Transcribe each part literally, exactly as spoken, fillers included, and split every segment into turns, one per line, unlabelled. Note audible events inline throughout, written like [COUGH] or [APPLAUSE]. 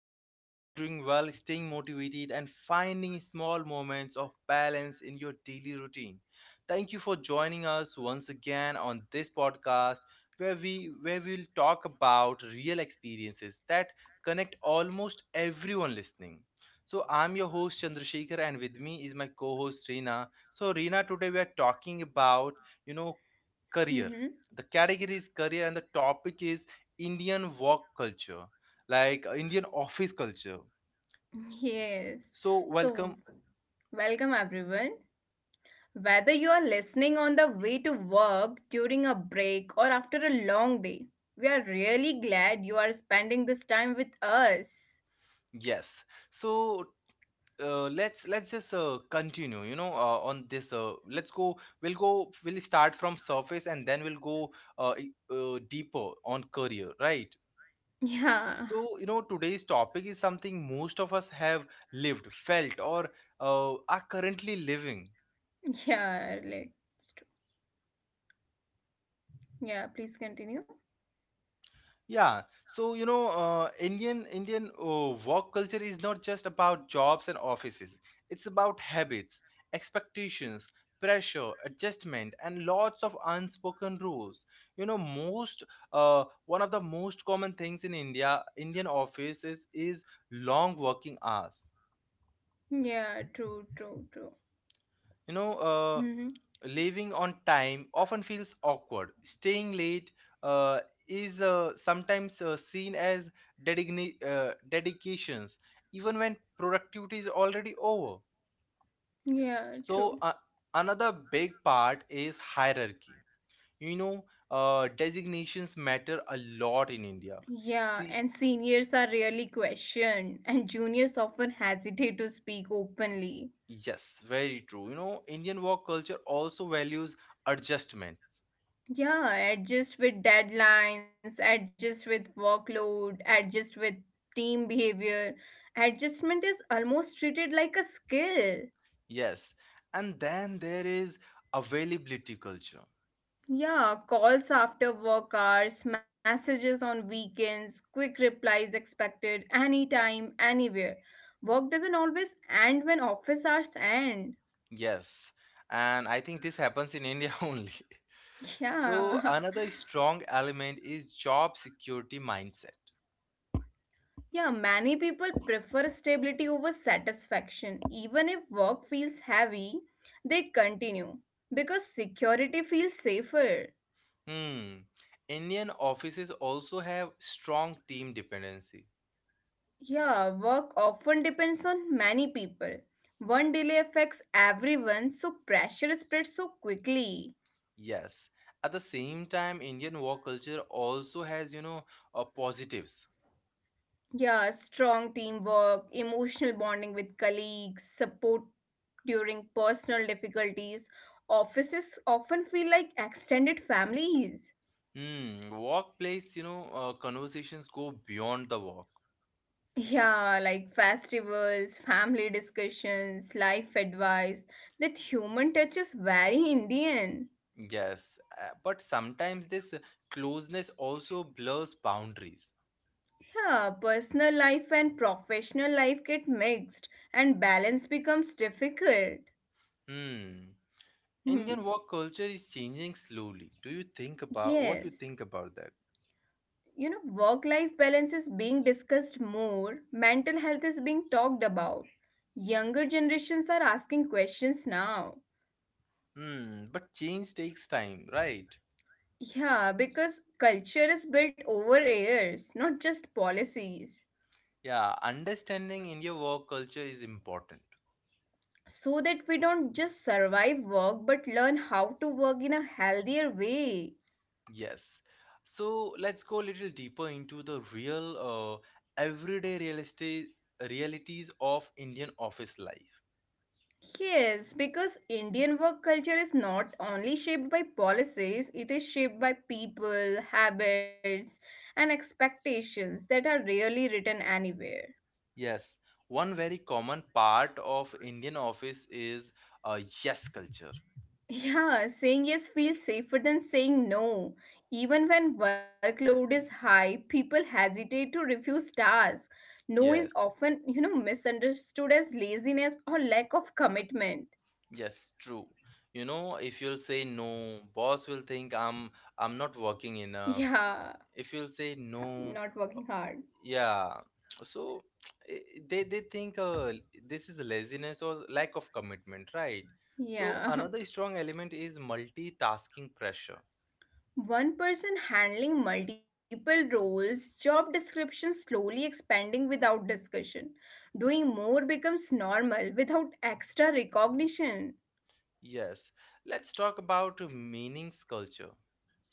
we hope you're doing well, staying motivated, and finding small moments of balance in your daily routine. Thank you for joining us once again on this podcast where we where we'll talk about real experiences that connect almost everyone listening. So I'm your host Chandrasekhar, and with me is my co-host Reena. So Reena, today we are talking about you know career.
Mm-hmm.
The category is career, and the topic is Indian work culture, like uh, Indian office culture.
Yes.
So
So,
welcome,
welcome everyone. Whether you are listening on the way to work, during a break, or after a long day, we are really glad you are spending this time with us.
yes. So, uh, let's let's just uh, continue. You know, uh, on this, uh, let's go. We'll go. We'll start from surface, and then we'll go uh, i- uh, deeper on career, right?
[LAUGHS] Yeah.
So you know, today's topic is something most of us have lived, felt, or uh, are currently living.
Yeah, like, it's true. Yeah, please continue.
Yeah, so you know, uh, Indian Indian uh, work culture is not just about jobs and offices. It's about habits, expectations, pressure, adjustment, and lots of unspoken rules. You know, most uh, one of the most common things in India Indian offices is long working hours.
Yeah, true, true, true.
You know, uh,
Mm-hmm.
leaving on time often feels awkward. Staying late uh, is uh, sometimes uh, seen as dedigni- uh, dedications, even when productivity is already over.
Yeah,
So,
true.
uh, another big part is hierarchy. You know, uh, designations matter a lot in India.
Yeah, and
See,
seniors are rarely questioned, and juniors often hesitate to speak openly.
yes, very true. You know, Indian work culture also values adjustments.
Yeah, adjust with deadlines, adjust with workload, adjust with team behavior. Adjustment is almost treated like a skill.
Yes. And then there is availability culture.
Yeah, calls after work hours, messages on weekends, quick replies expected anytime, anywhere. Work doesn't always end when office hours end.
Yes. And I think this happens in India [LAUGHS] only. So
Yeah. [LAUGHS]
another strong element is job security mindset.
Yeah, many people prefer stability over satisfaction. Even if work feels heavy, they continue because security feels safer.
Hmm. Indian offices also have strong team dependency.
Yeah, work often depends on many people. One delay affects everyone, so pressure spreads so quickly.
Yes. At the same time, Indian work culture also has, you know, uh, positives.
Yeah, strong teamwork, emotional bonding with colleagues, support during personal difficulties. Offices often feel like extended families.
Hmm. Workplace, you know, uh, conversations go beyond the work.
Yeah, like festivals, family discussions, life advice. That human touch is very Indian.
Yes, uh, but sometimes this closeness also blurs boundaries.
Yeah, personal life and professional life get mixed, and balance becomes difficult.
Hmm.
Hmm.
Indian work culture is changing slowly. Do you think about what you
Yes.
think about that?
You know, work life balance is being discussed more, mental health is being talked about. Younger generations are asking questions now.
Hmm. But change takes time, right?
Yeah, because culture is built over years, not just policies.
Yeah, understanding India work culture is important.
So that we don't just survive work but learn how to work in a healthier way.
Yes. So let's go a little deeper into the real, uh, everyday real estate realities of Indian office life.
Yes, because Indian work culture is not only shaped by policies, it is shaped by people, habits, and expectations that are rarely written anywhere.
Yes, one very common part of Indian office is a yes culture.
Yeah, saying yes feels safer than saying no. Even when workload is high, people hesitate to refuse tasks. No is
Yes,
often, you know, misunderstood as laziness or lack of commitment. [LAUGHS]
yes, true. You know, if you'll say no, boss will think I'm I'm not working enough.
Yeah,
If you'll say
not
no,
working hard.
yeah. So [TSK] eh, they they think uh, this is laziness or lack of commitment, right? So
Yeah.
another strong element is multitasking pressure.
[LAUGHS] One person handling multiple roles, job description slowly expanding without discussion. Doing more becomes normal without extra recognition.
Yes. Let's talk about meanings culture.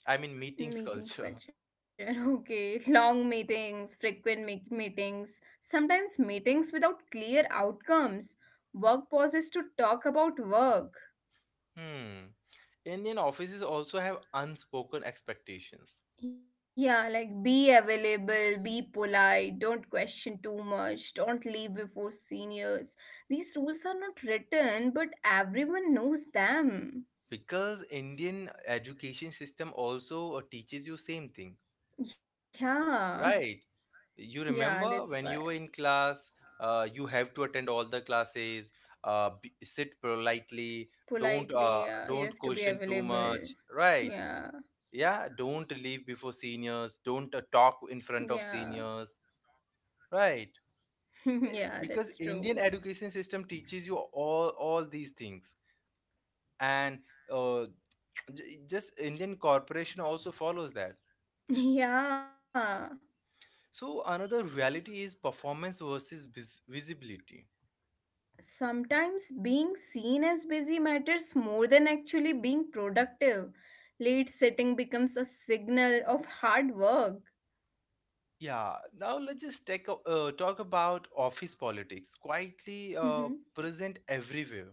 I mean meetings [LAUGHS] culture.
Meetings culture. [LAUGHS] Okay. Long meetings, frequent meet- meetings, sometimes meetings without clear outcomes. Work pauses to talk about work.
Hmm. Indian offices also have unspoken expectations,
Yeah, like be available, be polite, don't question too much, don't leave before seniors. These rules are not written, but everyone knows them.
because Indian education system also uh, teaches you same thing,
Yeah,
right?
[LAUGHS]
You
yeah, that's why.
remember when you were in class, uh, you have to attend all the classes, uh, b sit politely, don't
Politely,
uh,
yeah, you
don't
have to be
question too
available.
much, right?
Yeah,
Yeah, don't leave before seniors, don't uh, talk
yeah.
in front of seniors, right?
[LAUGHS] yeah, that's
Eh,
true. [LAUGHS]
because Indian education system teaches you all all these things and uh, j- just indian corporation also follows that.
Yeah,
So another reality is performance versus vis- visibility.
sometimes being seen as busy matters more than actually being productive. Late sitting becomes a signal of hard work.
Yeah, now let's just take a, uh, talk about office politics. Quietly uh,
Mhm.
present everywhere.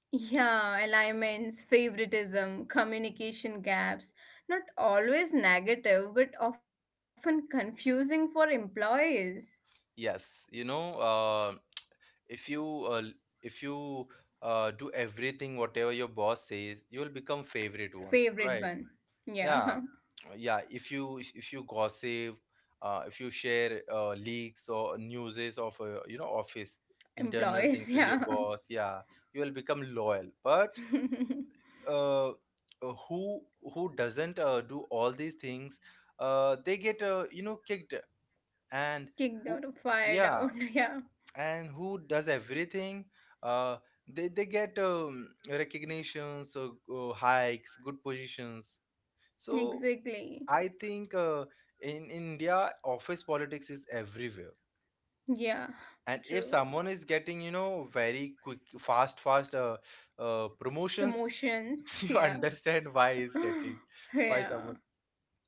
Yeah, alignments, favoritism, communication gaps. Not always negative, but often confusing for employees.
Yes, you know, uh, if you uh, if you uh, do everything whatever your boss says, you will become favorite one,
Favorite
right?
one.
Yeah,
Yeah,
uh, yeah, if you if you gossip, uh, if you share uh, leaks or newses of uh, you know office
[LAUGHS]
internal
employees,
things with
yeah.
your boss, yeah, you will become loyal. But
[LAUGHS]
uh, uh, who who doesn't uh, do all these things, uh, they get uh, you know kicked, and
Kicked out
who,
or fired
yeah,
out, [LAUGHS] yeah.
and who does everything, uh, they, they get um, recognitions, uh, uh, hikes, good positions. So I
Exactly.
think uh, in India, office politics is everywhere.
Yeah,
And if
true.
someone is getting, you know, very quick, fast, fast uh, uh, promotions, [LAUGHS]
Promotions,
you
yeah.
understand why he's getting,
[GASPS]
why
yeah.
someone.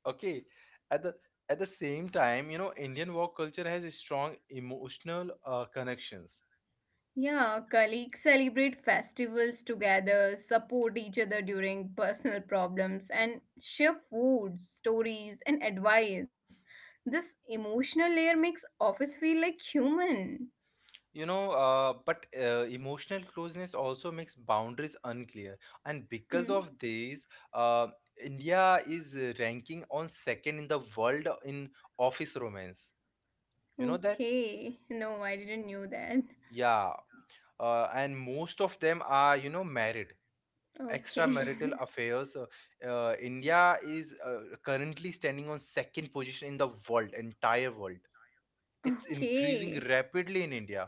Okay. At the at the same time, you know, Indian work culture has a strong emotional uh, connections.
Yeah, colleagues celebrate festivals together, support each other during personal problems, and share food, stories, and advice. This emotional layer makes office feel like human.
You know, uh, but uh, emotional closeness also makes boundaries unclear, and because of
Hmm.
this, uh, India is uh, ranking on second in the world in office romance. You know that?
Okay. No, I didn't knew that.
Yeah, uh, and most of them are you know married. Extramarital
Okay.
affairs. Uh, uh, India is uh, currently standing on second position in the world, entire world.
[LAUGHS]
It's increasing
okay.
rapidly in india.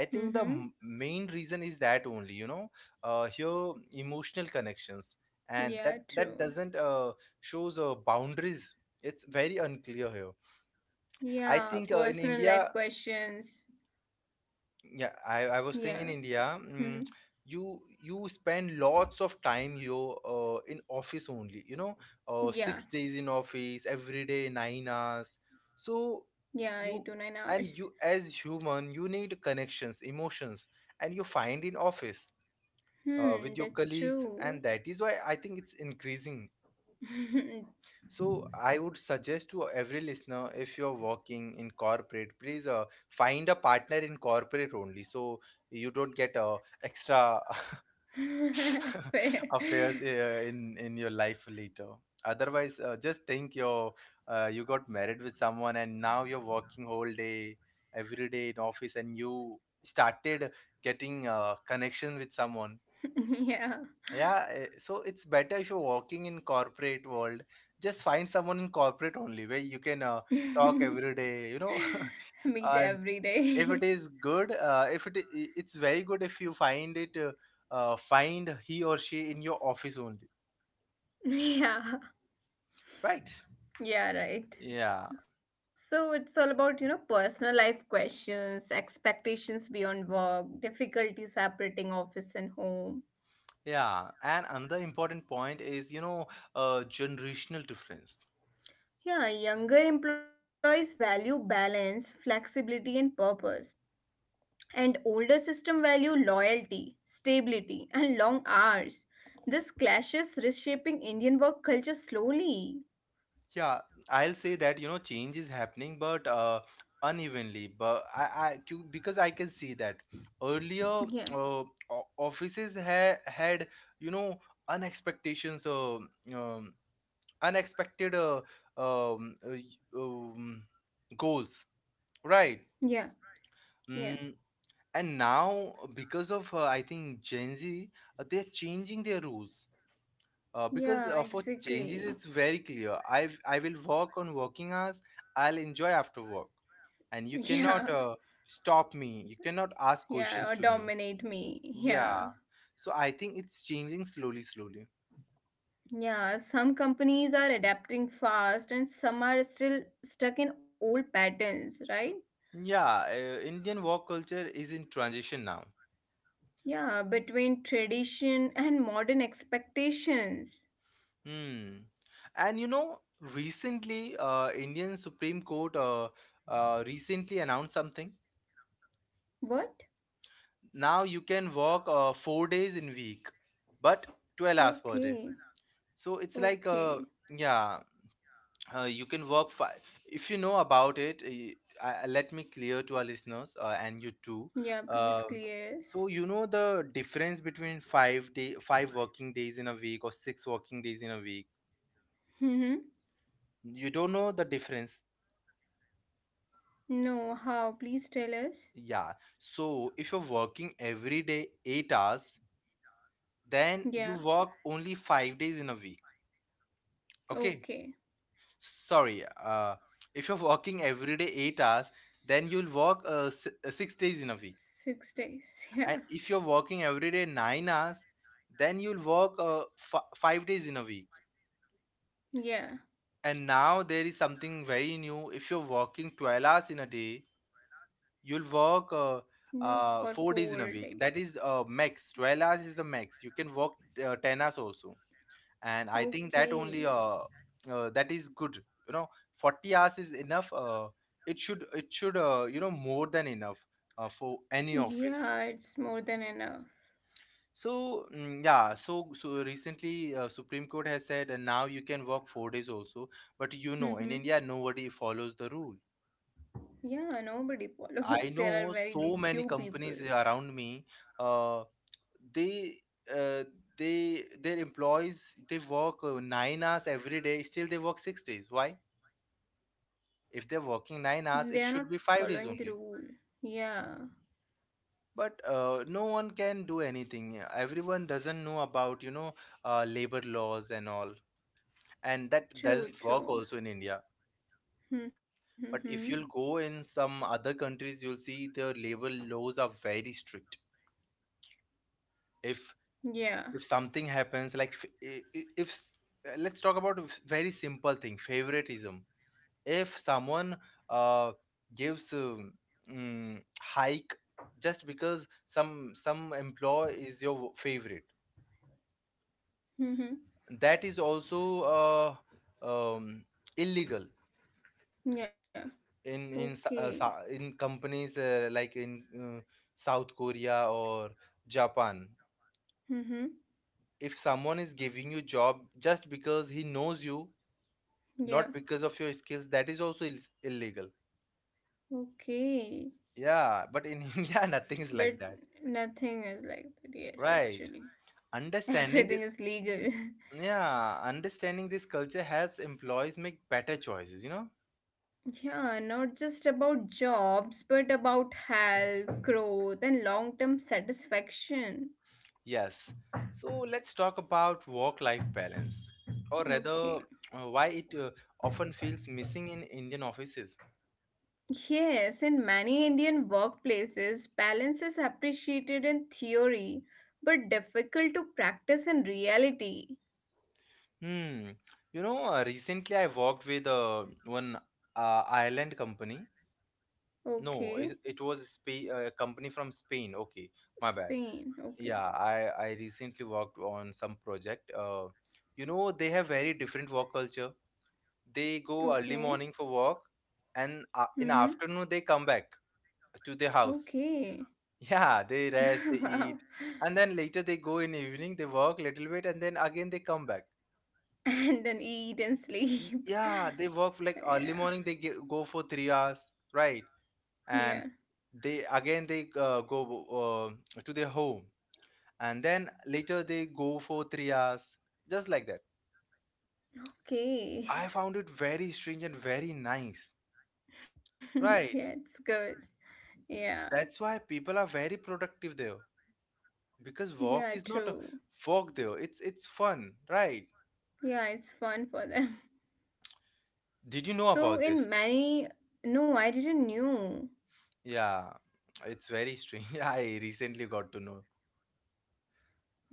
I think the m-
Mm-hmm.
main reason is that only, you know, uh, here emotional connections, and that
Yeah,
that doesn't
true.
uh, shows uh, boundaries. It's very unclear here. I
Yeah,
think uh, in
personal life
india,
questions.
yeah, i, I was saying in
Yeah.
india, mm,
Mhm.
you you spend lots of time, you uh, in office only, you know, uh, six days
Yeah.
in office, every day nine hours. So
Yeah, I
you,
do nine
and
hours.
you as human, you need connections, emotions, and you find in office uh, with your
Hmm, that's
colleagues, and
true.
that is why I think it's increasing.
[LAUGHS]
So I would suggest to every listener, if you're working in corporate, please uh, find a partner in corporate only, so you don't get uh, extra [LAUGHS]
Fair.
affairs uh, in in your life later. Otherwise, uh, just think you're uh, you got married with someone, and now you're working whole day, every day in office, and you started getting uh, connection with someone.
[LAUGHS] Yeah.
Yeah, eh, so it's better if you're working in corporate world, just find someone in corporate only where you can uh,
[LAUGHS]
talk every day, you know.
Meet
[LAUGHS] And
every
if
day.
it
[LAUGHS]
is good, uh, if it I- it's very good if you find it, uh, uh, find he or she in your office only,
Yeah.
right?
Yeah, right.
Yeah,
So it's all about, you know, personal life questions, expectations beyond work, difficulty separating office and home.
yeah. And another important point is, you know, uh, generational difference.
Yeah, younger employees value balance, flexibility, and purpose. And older system value loyalty, stability, and long hours. This clashes reshaping Indian work culture slowly.
Yeah, I'll say that you know change is happening, but uh, unevenly. But I, I to- because I can see that earlier
Yeah,
uh, o- offices ha- had, you know, unexpectations, uh, um, unexpected uh, um, uh, y- um, goals, right?
yeah, yeah,
Mm, and now because of uh, I think Gen Z, uh, they're changing their rules, uh, because uh,
yeah,
for changes it's
exactly. [LAUGHS]
very clear. I i will work on working hours, I'll enjoy after work, and you
Yeah,
cannot uh, stop me, you cannot ask
yeah, or
questions to me.
dominate me. Yeah,
Yeah, so I think it's changing slowly slowly.
yeah, some companies are adapting fast and some are still stuck in old patterns, right?
Yeah, uh, indian work culture is in transition now.
Yeah, between tradition and modern expectations.
Hmm. And you know, recently uh, indian supreme court uh, uh, recently announced something.
What?
Now you can work uh, four days in week, but twelve hours per day.
Okay,
So it's like uh,
okay.
yeah, uh, you can work fi- if you know about it, uh, I, I- let me clear to our listeners uh, and you too.
Yeah, please
Um,
clear us.
so you know the difference between five day five working days in a week or six working days in a week.
Mm-hmm.
You don't know the difference?
No, how? Please tell us.
Yeah, so if you're working every day eight hours, then
Yeah,
you work only five days in a week, okay?
okay.
Sorry, uh, if you're working every day eight hours, then you'll work uh, s- uh, six days in a week.
Six days. [LAUGHS] Yeah,
And if you're working every day nine hours, then you'll work uh, f- five days in a week.
yeah.
And now there is something very new. If you're working twelve hours in a day, you'll work uh,
No, for
uh, four
four
days in a
days.
week. That is uh, max. twelve hours is the max. You can work uh, ten hours also. And I think that
Okay.
only uh, uh that is good, you know. forty hours is enough, uh, it should it should uh, you know, more than enough uh, for any office.
Yeah, it's more than enough.
So mm, yeah, so so recently uh, supreme court has said, and now you can work four days also. But you know, in
Mm-hmm.
india, nobody follows the rule.
Yeah, nobody [LAUGHS] follows.
I
There are
know
very
so
few
many
people.
companies around me, uh, they uh, they their employees, they work uh, nine hours every day, still they work six days. Why? If they're working nine hours,
They are
it
not
should be five days
following the
only.
rule. Yeah,
But uh, no one can do anything. Everyone doesn't know about, you know, uh, labor laws and all, and that
true,
doesn't work
true.
also in india. But
Mm-hmm.
if you'll go in some other countries, you'll see the labor laws are very strict. if
Yeah.
if something happens, like f- I- I- if s- uh, let's talk about a very simple thing, favoritism. If someone uh, gives um, mm, hike just because some some employee is your favorite,
Mm-hmm.
that is also uh, um, illegal
Yeah.
in in s-
Okay.
uh, sa- in companies uh, like in uh, south korea or japan.
Mm-hmm.
If someone is giving you job just because he knows you, not
Yeah.
because of your skills, that is also Ill- illegal.
Okay.
Yeah, but in [LAUGHS] india nothing is
But
like that,
nothing is like that, yes,
right?
actually. [LAUGHS]
Understanding this.
Everything is legal.
Yeah, understanding this culture helps employees make better choices, you know?
[LAUGHS] yeah, not just about jobs, but about health, growth, and long term satisfaction.
Yes. So let's talk about work-life balance, or rather,
Okay.
uh, why it uh, often feels missing in Indian offices.
Yes, in many Indian workplaces, balance is appreciated in theory, but difficult to practice in reality.
Hmm. You know, uh, recently I worked with uh, one uh, Ireland company. No,
Okay.
it, it was Spa uh, a company from Spain. Okay, my bad.
Spain. Okay.
Yeah, I I recently worked on some project. Uh, you know, they have very different work culture. They go early
Okay.
morning for walk, and uh,
Mm-hmm.
in afternoon they come back to their house.
Okay.
[LAUGHS] Yeah, they
[LAUGHS]
rest, they
wow.
eat, and then later they go in evening, they work little bit and then again they come back.
[LAUGHS] and then eat and
Y-
sleep.
yeah, they work
[LAUGHS]
like early
yeah,
morning they ge- go for three hours, right?
yeah.
And they again they uh, go uh, to their home and then later they go for three hours, just like that.
Okay.
I found it very strange and very nice,
[LAUGHS] yeah,
right?
it's good. Yeah,
That's why people are very productive there. Because
yeah,
walk is not a
true.
walk there. It's it's fun, right?
Yeah, it's fun for them. [LAUGHS]
Did you know
So
about this?
in many, no, I didn't knew.
Yeah, it's very strange. [LAUGHS] I recently got to know.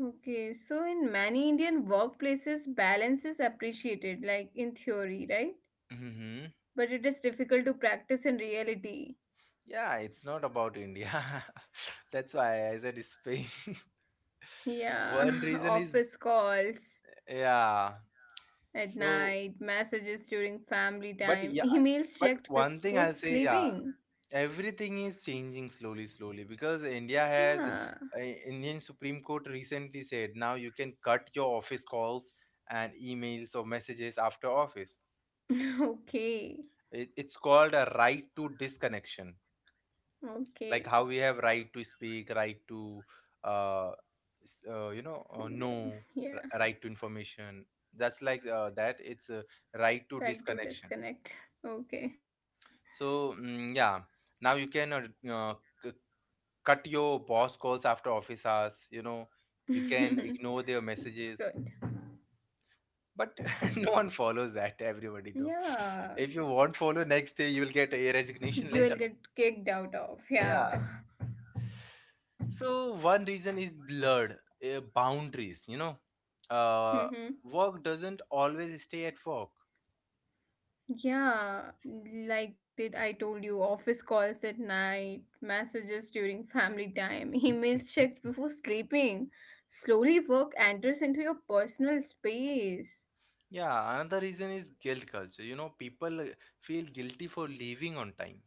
Okay, so in many Indian workplaces, balance is appreciated, like in theory, right?
Hmm.
But it is difficult to practice in reality.
Yeah, it's not about India. [LAUGHS] That's why I said Spain. [LAUGHS] One
Yeah, [LAUGHS]
reason is,
office calls
yeah.
at
So,
night, messages during family
but
time, [LAUGHS]
yeah,
emails
but
checked
one
before
thing I'll say, yeah,
sleeping.
everything is changing slowly slowly because India has,
Yeah.
uh, Indian supreme court recently said now you can cut your office calls and emails or messages after office.
[LAUGHS] okay.
It, it's called a right to disconnection,
Okay.
like how we have right to speak, right to uh, s- uh you know uh, know
Freedom.
r-
Yeah.
right to information. That's like uh, that it's a right to
Try
disconnection.
to disconnect. Okay.
So mm, yeah, now you can uh, uh, c- cut your boss calls after office hours, you know. You can ignore their
[LAUGHS] it's
messages,
good.
but [LAUGHS] no one follows that, everybody though. If you
Yeah.
won't follow, next day you will get a
You
resignation
will
later.
get kicked out of.
Yeah,
Yeah.
so one reason is blurred uh, boundaries, you know. uh
Mm-hmm.
Work doesn't always stay at work.
Yeah. Like that I told you, office calls at night, messages during family time, [LAUGHS] emails checked before sleeping. Slowly work enters into your personal space.
Yeah, another reason is guilt culture, you know. People feel guilty for leaving on time.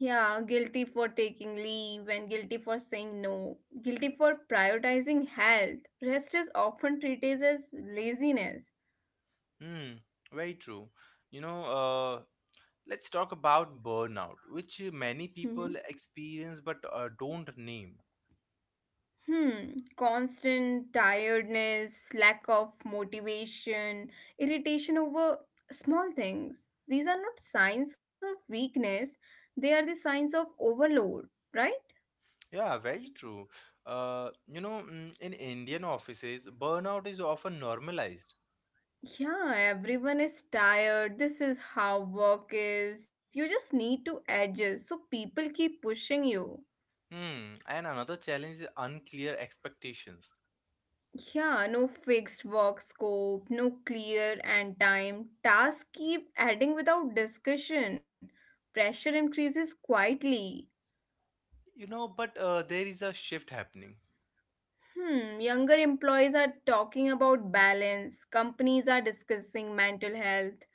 Yeah, guilty for taking leave and guilty for saying no, guilty for prioritizing health. Rest is often treated as laziness.
Hmm, very true. you know uh, Let's talk about burnout, which many
Mhm.
people experience but uh, don't name.
Hmm. Constant tiredness, lack of motivation, irritation over small things. These are not signs of weakness, they are the signs of overload, right?
Yeah, very true. Uh, you know, mm, in Indian offices, burnout is often normalized.
Yeah, everyone is tired. This is how work is. You just need to adjust. So people keep pushing you.
Hmm. And another challenge is unclear expectations.
Yeah, no fixed work scope, no clear end time. Tasks keep adding without discussion. Pressure increases quietly.
You know, but uh, There is a shift happening.
Hmm, younger employees are talking about balance. Companies are discussing mental health.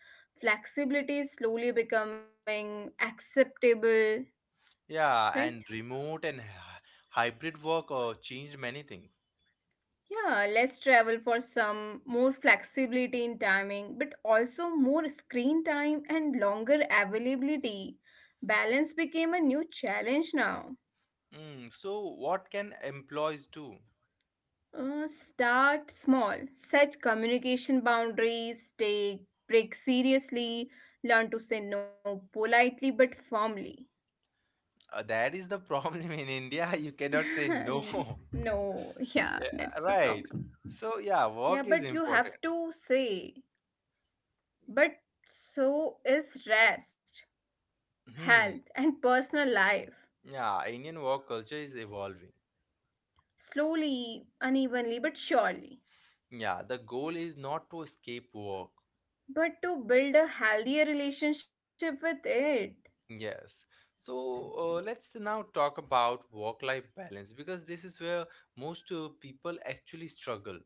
Flexibility is slowly becoming acceptable,
Yeah,
right?
and remote and hy- hybrid work uh, changed many things.
Yeah, less travel for some, more flexibility in timing, but also more screen time and longer availability. Balance became a new challenge now.
Hmm. So, what can employees do?
Uh, start small, set communication boundaries, take break seriously, learn to say no politely but firmly.
Uh, that is the [LAUGHS] problem in India. You cannot say no.
[LAUGHS] no, yeah, that's
Yeah,
the
right.
problem.
So yeah,
Yeah,
work is
but you
important.
have to say, but so is rest.
Hmm.
Health, and personal life.
Yeah, Indian work culture is evolving.
Slowly, unevenly, but surely.
Yeah, the goal is not to escape work.
But to build a healthier relationship with it.
Yes. So uh, let's now talk about work-life balance because this is where most uh, people actually struggle.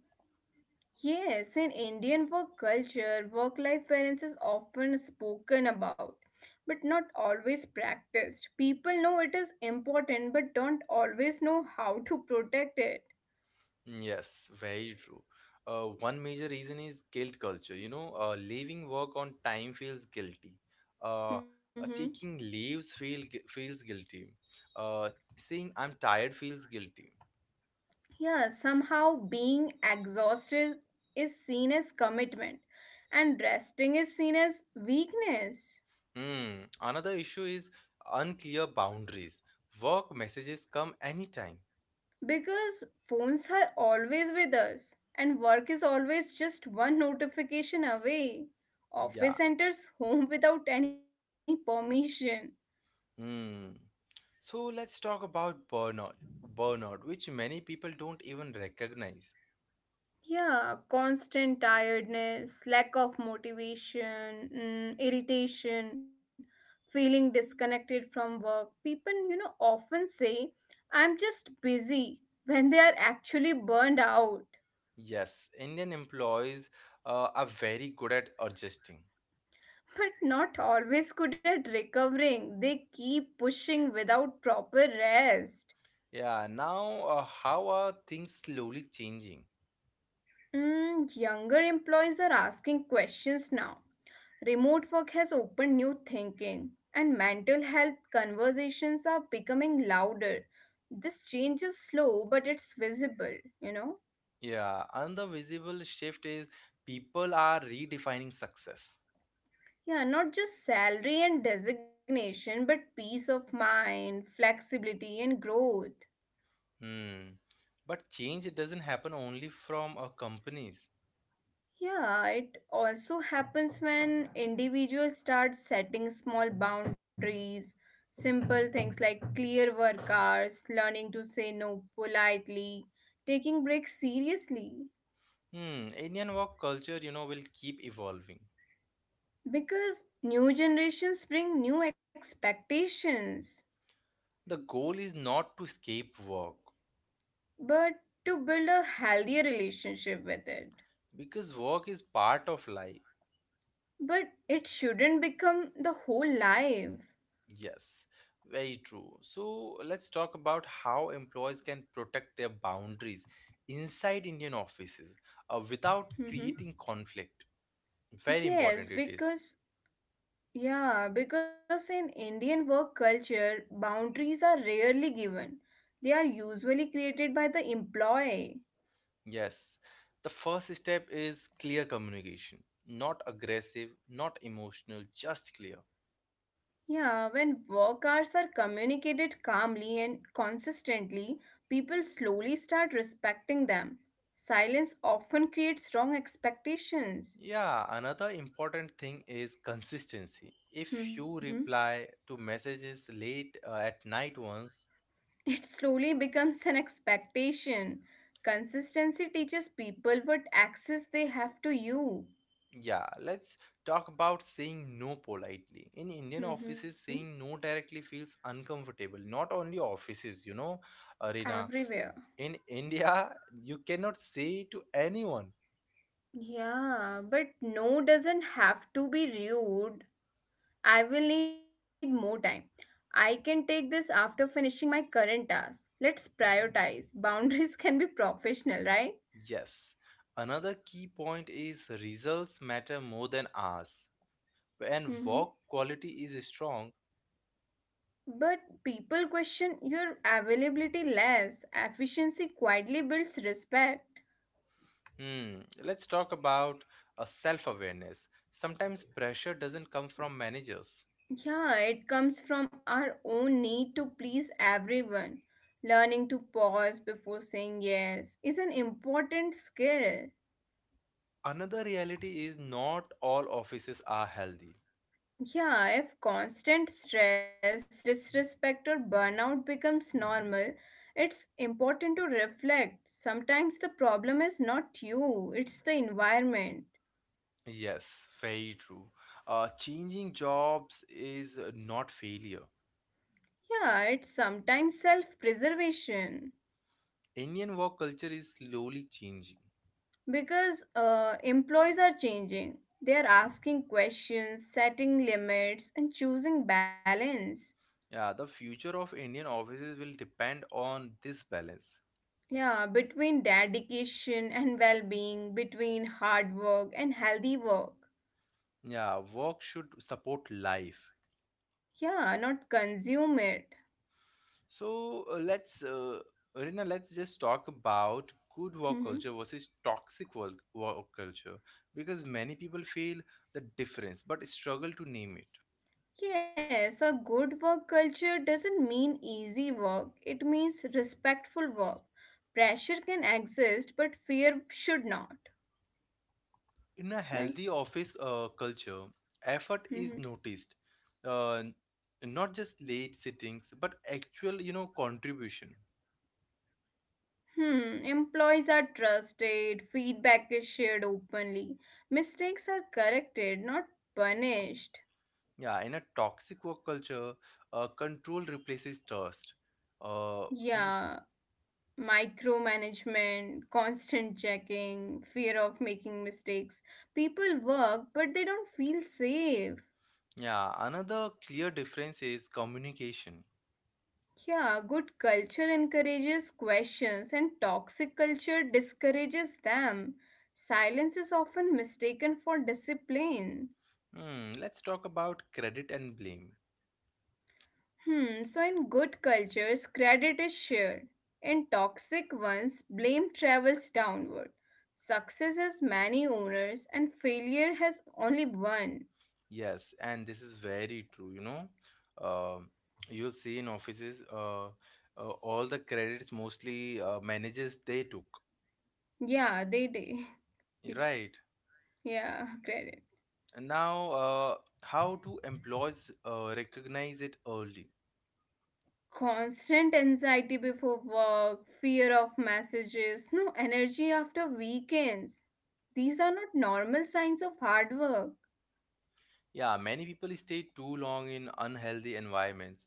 Yes, in Indian work culture, work life balance is often spoken about, but not always practiced. People know it is important, but don't always know how to protect it.
Yes, very true. Uh, one major reason is guilt culture. You know, uh, leaving work on time feels guilty. Uh, uh,
Hmm.
Taking leaves feel gu- feels guilty. Uh, Saying I'm tired feels guilty.
Yeah, somehow being exhausted is seen as commitment, and resting is seen as weakness.
Hmm. Another issue is unclear boundaries. Work messages come anytime.
Because phones are always with us, and work is always just one notification away. Office
Yeah.
enters home without any permission.
Hmm. So let's talk about burnout. Burnout, which many people don't even recognize.
Yeah, constant tiredness, lack of motivation, mm, irritation, feeling disconnected from work. People, you know, often say, I'm just busy when they are actually burned out.
Yes, Indian employees uh, are very good at adjusting.
But not always good at recovering. They keep pushing without proper rest.
Yeah, now uh, how are things slowly changing?
Mm, younger employees are asking questions now. Remote work has opened new thinking, and mental health conversations are becoming louder. This change is slow, but it's visible, you know?
Yeah, another visible shift is people are redefining success.
Yeah, not just salary and designation, but peace of mind, flexibility, and growth.
Hmm. But change, it doesn't happen only from uh, companies.
Yeah, it also happens when individuals start setting small boundaries, simple things like clear work hours, learning to say no politely, taking breaks seriously.
Hmm. Indian work culture, you know, will keep evolving.
Because new generations bring new expectations,
The goal is not to escape work,
but to build a healthier relationship with it.
because work is part of life.
But it shouldn't become the whole life.
Yes, very true. So let's talk about how employees can protect their boundaries inside Indian offices uh, without
Hmm.
creating conflict. Very important
Yes,
it is.
because Yeah, because in Indian work culture, boundaries are rarely given. They are usually created by the employee.
Yes. The first step is clear communication, not aggressive, not emotional, just clear.
Yeah, when work hours are communicated calmly and consistently, people slowly start respecting them. Silence often creates wrong expectations.
Yeah, another important thing is consistency. If
Mhm.
you reply to messages late uh, at night once.
[LAUGHS] It slowly becomes an expectation. Consistency teaches people what access they have to you.
Yeah, let's talk about saying no politely. In Indian
Mhm.
offices, saying no directly feels uncomfortable. Not only offices, you know, Arena.
Everywhere.
In India, you cannot say to anyone,
Yeah, but no doesn't have to be rude. I will need more time. I can take this after finishing my current task. Let's prioritize. Boundaries [LAUGHS] can be professional, right?
yes. Another key point is results matter more than hours. When
Hmm.
work quality is strong.
But people question your availability less. Efficiency quietly builds respect.
Hmm, let's talk about a self awareness. Sometimes pressure doesn't come from managers.
Yeah, it comes from our own need to please everyone. Learning to pause before saying yes is an important skill.
Another reality is not all offices are healthy.
Yeah, if constant stress, disrespect, or burnout becomes normal, it's important to reflect. Sometimes the problem is not you, it's the environment.
Yes, very true. Uh, changing jobs is not failure.
Yeah, it's sometimes self preservation.
Indian work culture is slowly changing.
Because uh, employees are changing, they are asking questions, setting limits, and choosing balance.
Yeah, the future of Indian offices will depend on this balance.
Yeah, between dedication and well being, between hard work and healthy work.
Yeah, work should support life.
Yeah, not consume it.
So uh, let's, uh, Rina, let's just talk about good work culture
Mhm.
versus toxic work, work culture because many people feel the difference but struggle to name it.
Yes, a good work culture doesn't mean easy work, it means respectful work. Pressure can exist, but fear should not,
In a healthy
right?
office uh, culture, effort is noticed,
Mhm.
uh, not just late sittings, but actual, you know, contribution.
Hmm, employees are trusted, feedback is shared openly, mistakes are corrected, not punished.
Yeah, in a toxic work culture, uh, control replaces trust. Uh, y-
Yeah, micromanagement, constant checking, fear of making mistakes. People work, but they don't feel safe.
yeah, another clear difference is communication.
Yeah, good culture encourages questions, and toxic culture discourages them. Silence is often mistaken for discipline.
Hmm, let's talk about credit and blame.
Hmm, so in good cultures, credit is shared. In toxic ones, blame travels downward. Success has many owners, and failure has only one.
Yes, and this is very true, you know. Um you'll see in offices, uh, uh, all the credits mostly uh, managers they took.
Yeah, they did. [LAUGHS]
Right.
Yeah, credit.
Now, uh, how do employees uh, recognize it early?
Constant anxiety before work, fear of messages, no energy after weekends. These are not normal signs of hard work
Yeah, many people stay too long in unhealthy environments.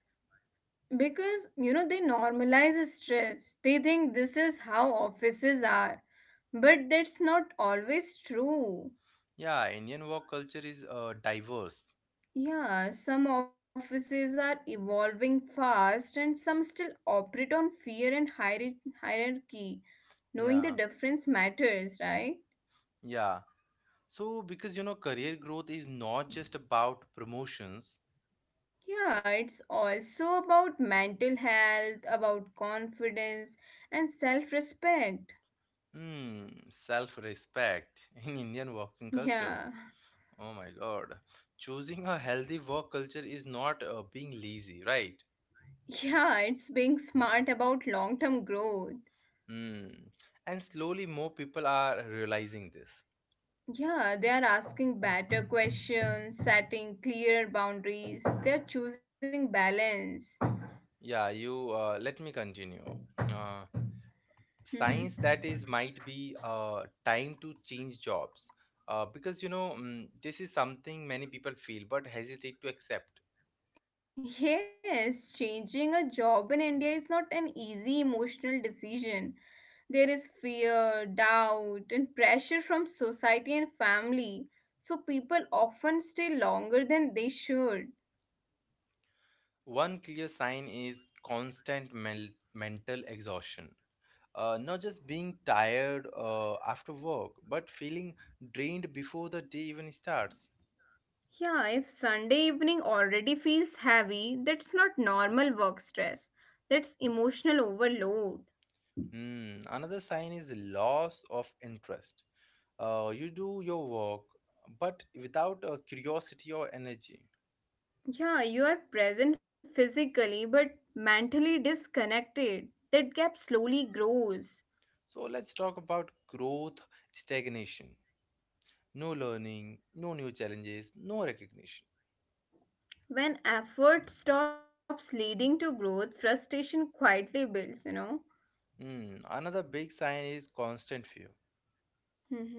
because you know they normalize stress. They think this is how offices are, but that's not always true.
Yeah, Indian work culture is uh, diverse.
Yeah, some offices are evolving fast and some still operate on fear and hierar- hierarchy. Knowing the
Yeah,
difference matters, right?
yeah. So, because you know, career growth is not just about promotions.
Yeah, it's also about mental health, about confidence, and self respect.
Hmm, self-respect [LAUGHS] in Indian working culture.
Yeah. [LAUGHS]
Oh my God. Choosing a healthy work culture is not uh, being lazy, right?
Yeah, it's being smart about long term growth.
Hmm. And slowly more people are realizing this.
Yeah, they are asking better questions, setting clearer boundaries, they are choosing balance.
Yeah, you uh, let me continue. Uh, Science
[LAUGHS]
that is might be uh, time to change jobs, uh, because you know, mm, this is something many people feel but hesitate to accept.
Yes, changing a job in India is not an easy emotional decision. There is fear, doubt, and pressure from society and family, so people often stay longer than they should.
One clear sign is constant mel- mental exhaustion. Uh, not just being tired uh, after work, but feeling drained before the day even starts.
Yeah, if Sunday evening already feels heavy, that's not normal work stress, that's emotional overload.
Hmm. Another sign is loss of interest. Uh, you do your work, but without a curiosity or energy.
Yeah, you are present physically but mentally disconnected. That gap slowly grows.
So let's talk about growth stagnation. No learning, no new challenges, no recognition.
When effort stops leading to growth, frustration quietly builds, you know.
Hmm, another big sign is constant fear.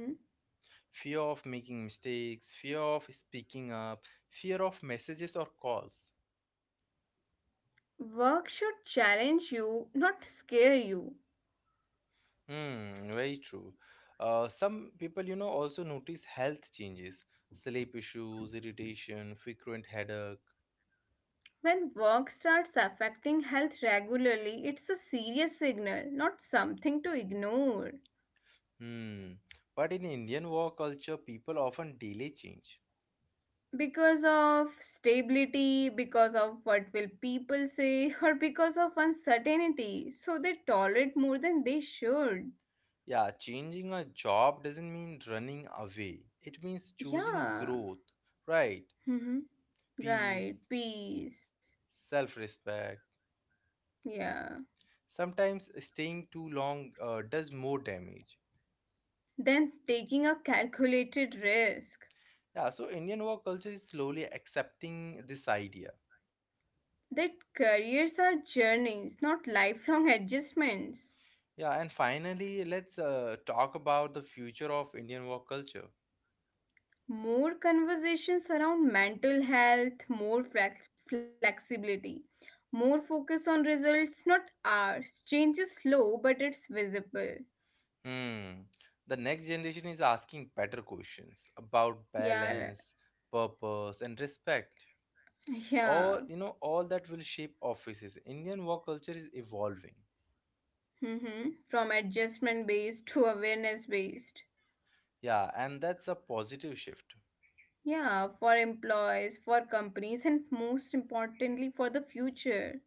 Mhm.
Fear of making mistakes, fear of speaking up, fear of messages or calls.
Work should challenge you, not scare you.
Hmm, very true. Uh, some people, you know, also notice health changes, sleep issues, irritation, frequent headache.
When work starts affecting health regularly, it's a serious signal, not something to ignore.
Hmm. But in Indian work culture, people often delay change.
Because of stability, because of what will people say, [LAUGHS] or because of uncertainty. So they tolerate more than they should.
Yeah, changing a job doesn't mean running away. It means choosing
Yeah.
growth, right?
Hmm. Right.
Peace,
Peace.
self-respect.
Yeah.
Sometimes staying too long uh, does more damage.
Than taking a calculated risk.
Yeah, so Indian work culture is slowly accepting this idea.
That careers are journeys, not lifelong adjustments.
Yeah, and finally, let's uh, talk about the future of Indian work culture.
More conversations around mental health, more flex- flexibility, more focus on results, not hours. Change is slow, but it's visible.
Hmm. The next generation is asking better questions about
Yeah,
balance, purpose, and respect. All
yeah.
you know, all that will shape offices. Indian work culture is evolving.
Mm-hmm. From adjustment based to awareness based.
Yeah, and that's a positive shift.
Yeah, for employees, for companies, and most importantly, for the future.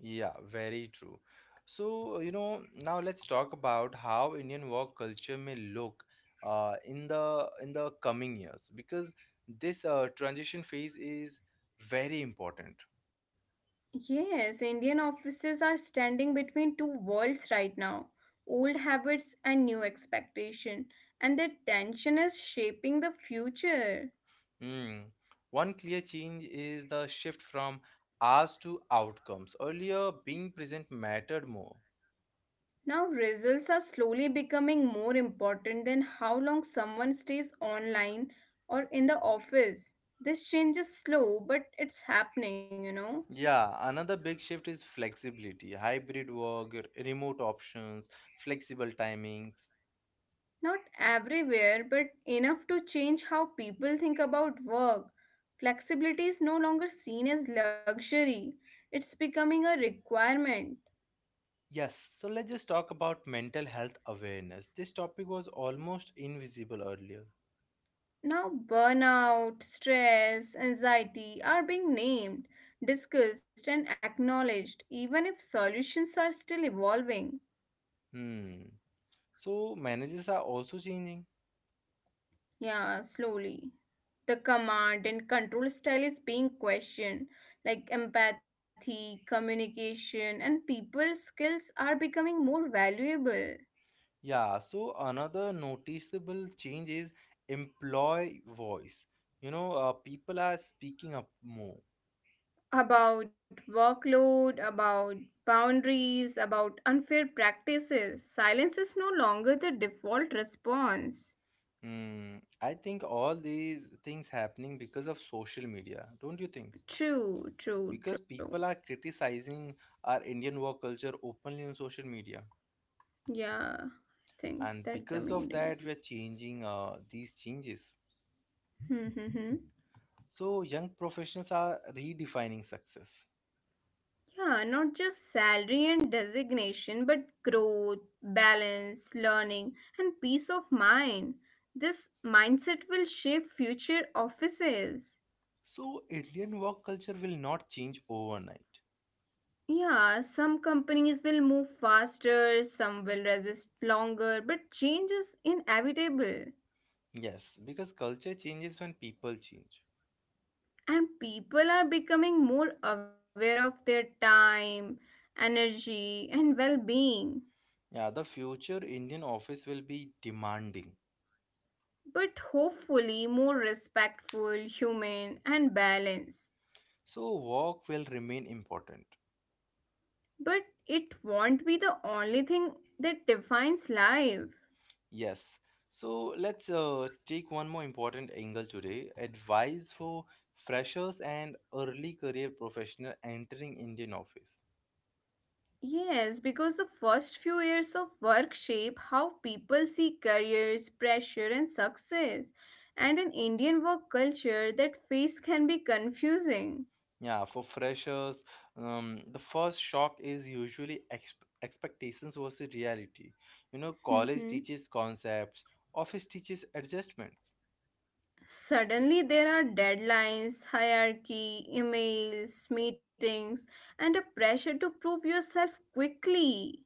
Yeah, very true. So, you know, now let's talk about how Indian work culture may look uh, in the in the coming years, because this uh, transition phase is very important.
Yes, Indian offices are standing between two worlds right now, old habits and new expectation, and the tension is shaping the future.
Hmm. One clear change is the shift from hours to outcomes. Earlier, being present mattered more.
Now, results are slowly becoming more important than how long someone stays online or in the office. This change is slow, but it's happening, you know.
Yeah, another big shift is flexibility, hybrid work, remote options, flexible timings.
Not everywhere, but enough to change how people think about work. Flexibility is no longer seen as luxury, it's becoming a requirement.
Yes, so let's just talk about mental health awareness. This topic was almost invisible earlier.
Now, burnout, stress, anxiety are being named, discussed, and acknowledged, even if solutions are still evolving.
Hmm. So, managers are also changing.
Yeah, slowly. The command and control style is being questioned, like empathy, communication, and people skills are becoming more valuable.
Yeah, so another noticeable change is employee voice. You know, uh, people are speaking up more.
About workload, about boundaries, about unfair practices. Silence is no longer the default response.
Hmm, I think all these things happening because of social media, don't you think?
True, true,
Because
true.
people are criticizing our Indian work culture openly on social media,
Yeah, I think
and
that's the
because of
main
that, we're changing uh, these changes.
reason. [LAUGHS]
So young professionals are redefining success.
Yeah, not just salary and designation, but growth, balance, learning, and peace of mind. This mindset will shape future offices.
So Indian work culture will not change overnight.
Yeah, some companies will move faster, some will resist longer, but change is inevitable.
Yes, because culture changes when people change.
And people are becoming more aware of their time, energy, and well being,
Yeah, the future Indian office will be demanding.
but hopefully more respectful, human, and balanced.
So work will remain important.
But it won't be the only thing that defines life.
Yes. So Let's uh, take one more important angle today. Advice for freshers and early career professional entering Indian office.
Yes, because the first few years of work shape how people see careers, pressure, and success. And in Indian work culture, that phase can be confusing.
Yeah, for freshers, um, the first shock is usually exp- expectations versus reality. You know, college
Mhm.
teaches concepts, office teaches adjustments.
Suddenly, there are deadlines, hierarchy, emails, meetings, and a pressure to prove yourself quickly.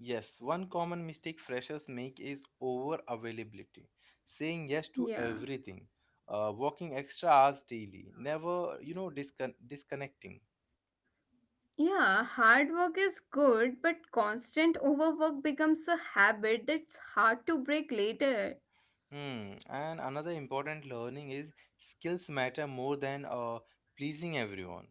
Yes, one common mistake freshers make is over availability, saying yes to
Yeah.
everything, uh, working extra hours daily, never, you know, discon- disconnecting.
Yeah, hard work is good, but constant overwork becomes a habit that's hard to break later.
Hmm. And another important learning is skills matter more than uh, pleasing everyone.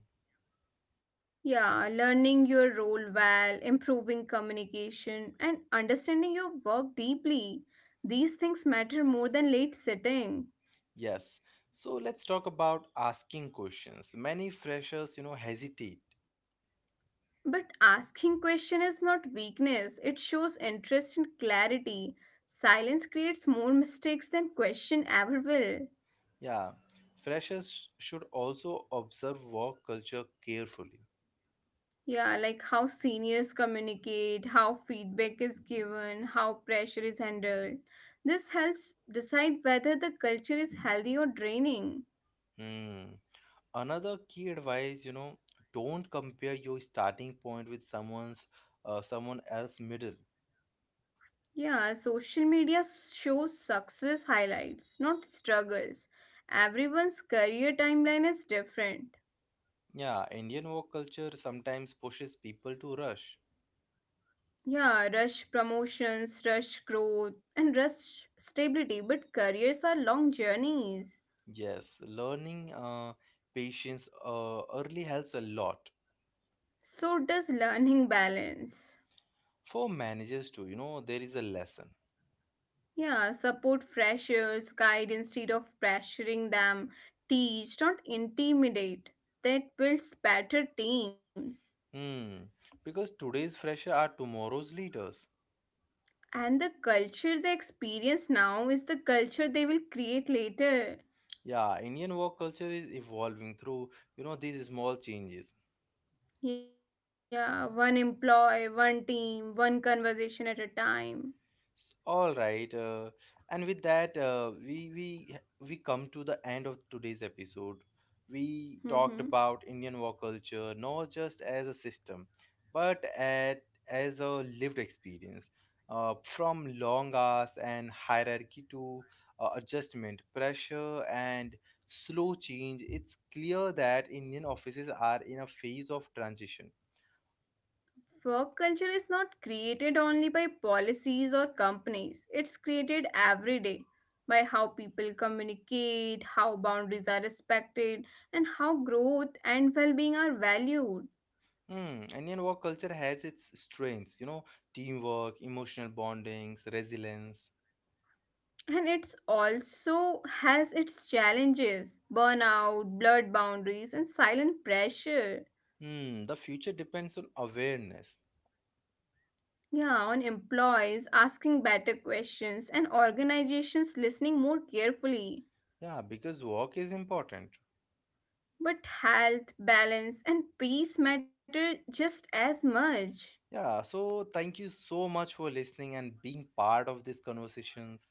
Yeah, learning your role well, improving communication, and understanding your work deeply. These things matter more than late sitting.
Yes. So let's talk about asking questions. Many freshers, you know, hesitate.
But asking question is not weakness, it shows interest and clarity. Silence creates more mistakes than question ever will.
Yeah. Freshers should also observe work culture carefully.
Yeah, like how seniors communicate, how feedback is given, how pressure is handled. This helps decide whether the culture is healthy or draining.
Hmm. Another key advice, you know, don't compare your starting point with someone's, uh, someone else middle.
Yeah, social media shows success highlights, not struggles. Everyone's career timeline is different.
Yeah, Indian work culture sometimes pushes people to rush.
Yeah, rush promotions, rush growth, and rush stability, but careers are long journeys.
Yes, learning uh, patience uh, early helps a lot.
So does learning balance.
For managers too, you know, there is a lesson.
Yeah, support freshers, guide instead of pressuring them, teach, not intimidate. That builds better teams.
Hmm, because today's fresher are tomorrow's leaders.
And the culture they experience now is the culture they will create later.
Yeah, Indian work culture is evolving through, you know, these small changes.
Yeah, one employee, one team, one conversation at a time.
S- All right, uh, and with that, uh, we we we come to the end of today's episode. We talked about
Mm-hmm.
Indian war culture not just as a system, but at, as a lived experience, uh, from long hours and hierarchy to uh, adjustment, pressure, and slow change. It's clear that Indian offices are in a phase of transition.
Work culture is not created only by policies or companies, it's created every day by how people communicate, how boundaries are respected, and how growth and well being are valued.
Hmm, Indian work culture has its strengths, you know, teamwork, emotional bondings, resilience.
And it's also has its challenges, burnout, blurred boundaries, and silent pressure.
Hmm, the future depends on awareness.
Yeah, on employees asking better questions and organizations listening more carefully.
Yeah, because work is important.
But health, balance, and peace matter just as much.
Yeah, so thank you so much for listening and being part of these conversations.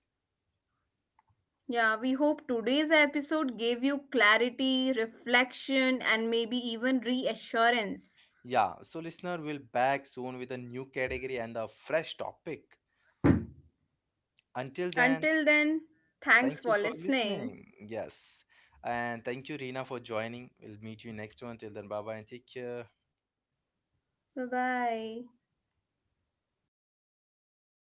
Yeah, we hope today's episode gave you clarity, reflection, and maybe even reassurance.
Yeah, so listener, we'll back soon with a new category and a fresh topic. Until then,
Until then, thanks
thank you
for
for
listening.
listening. Yes. And thank you, Reena, for joining. We'll meet you next one. Till then, bye bye and take care.
Bye bye.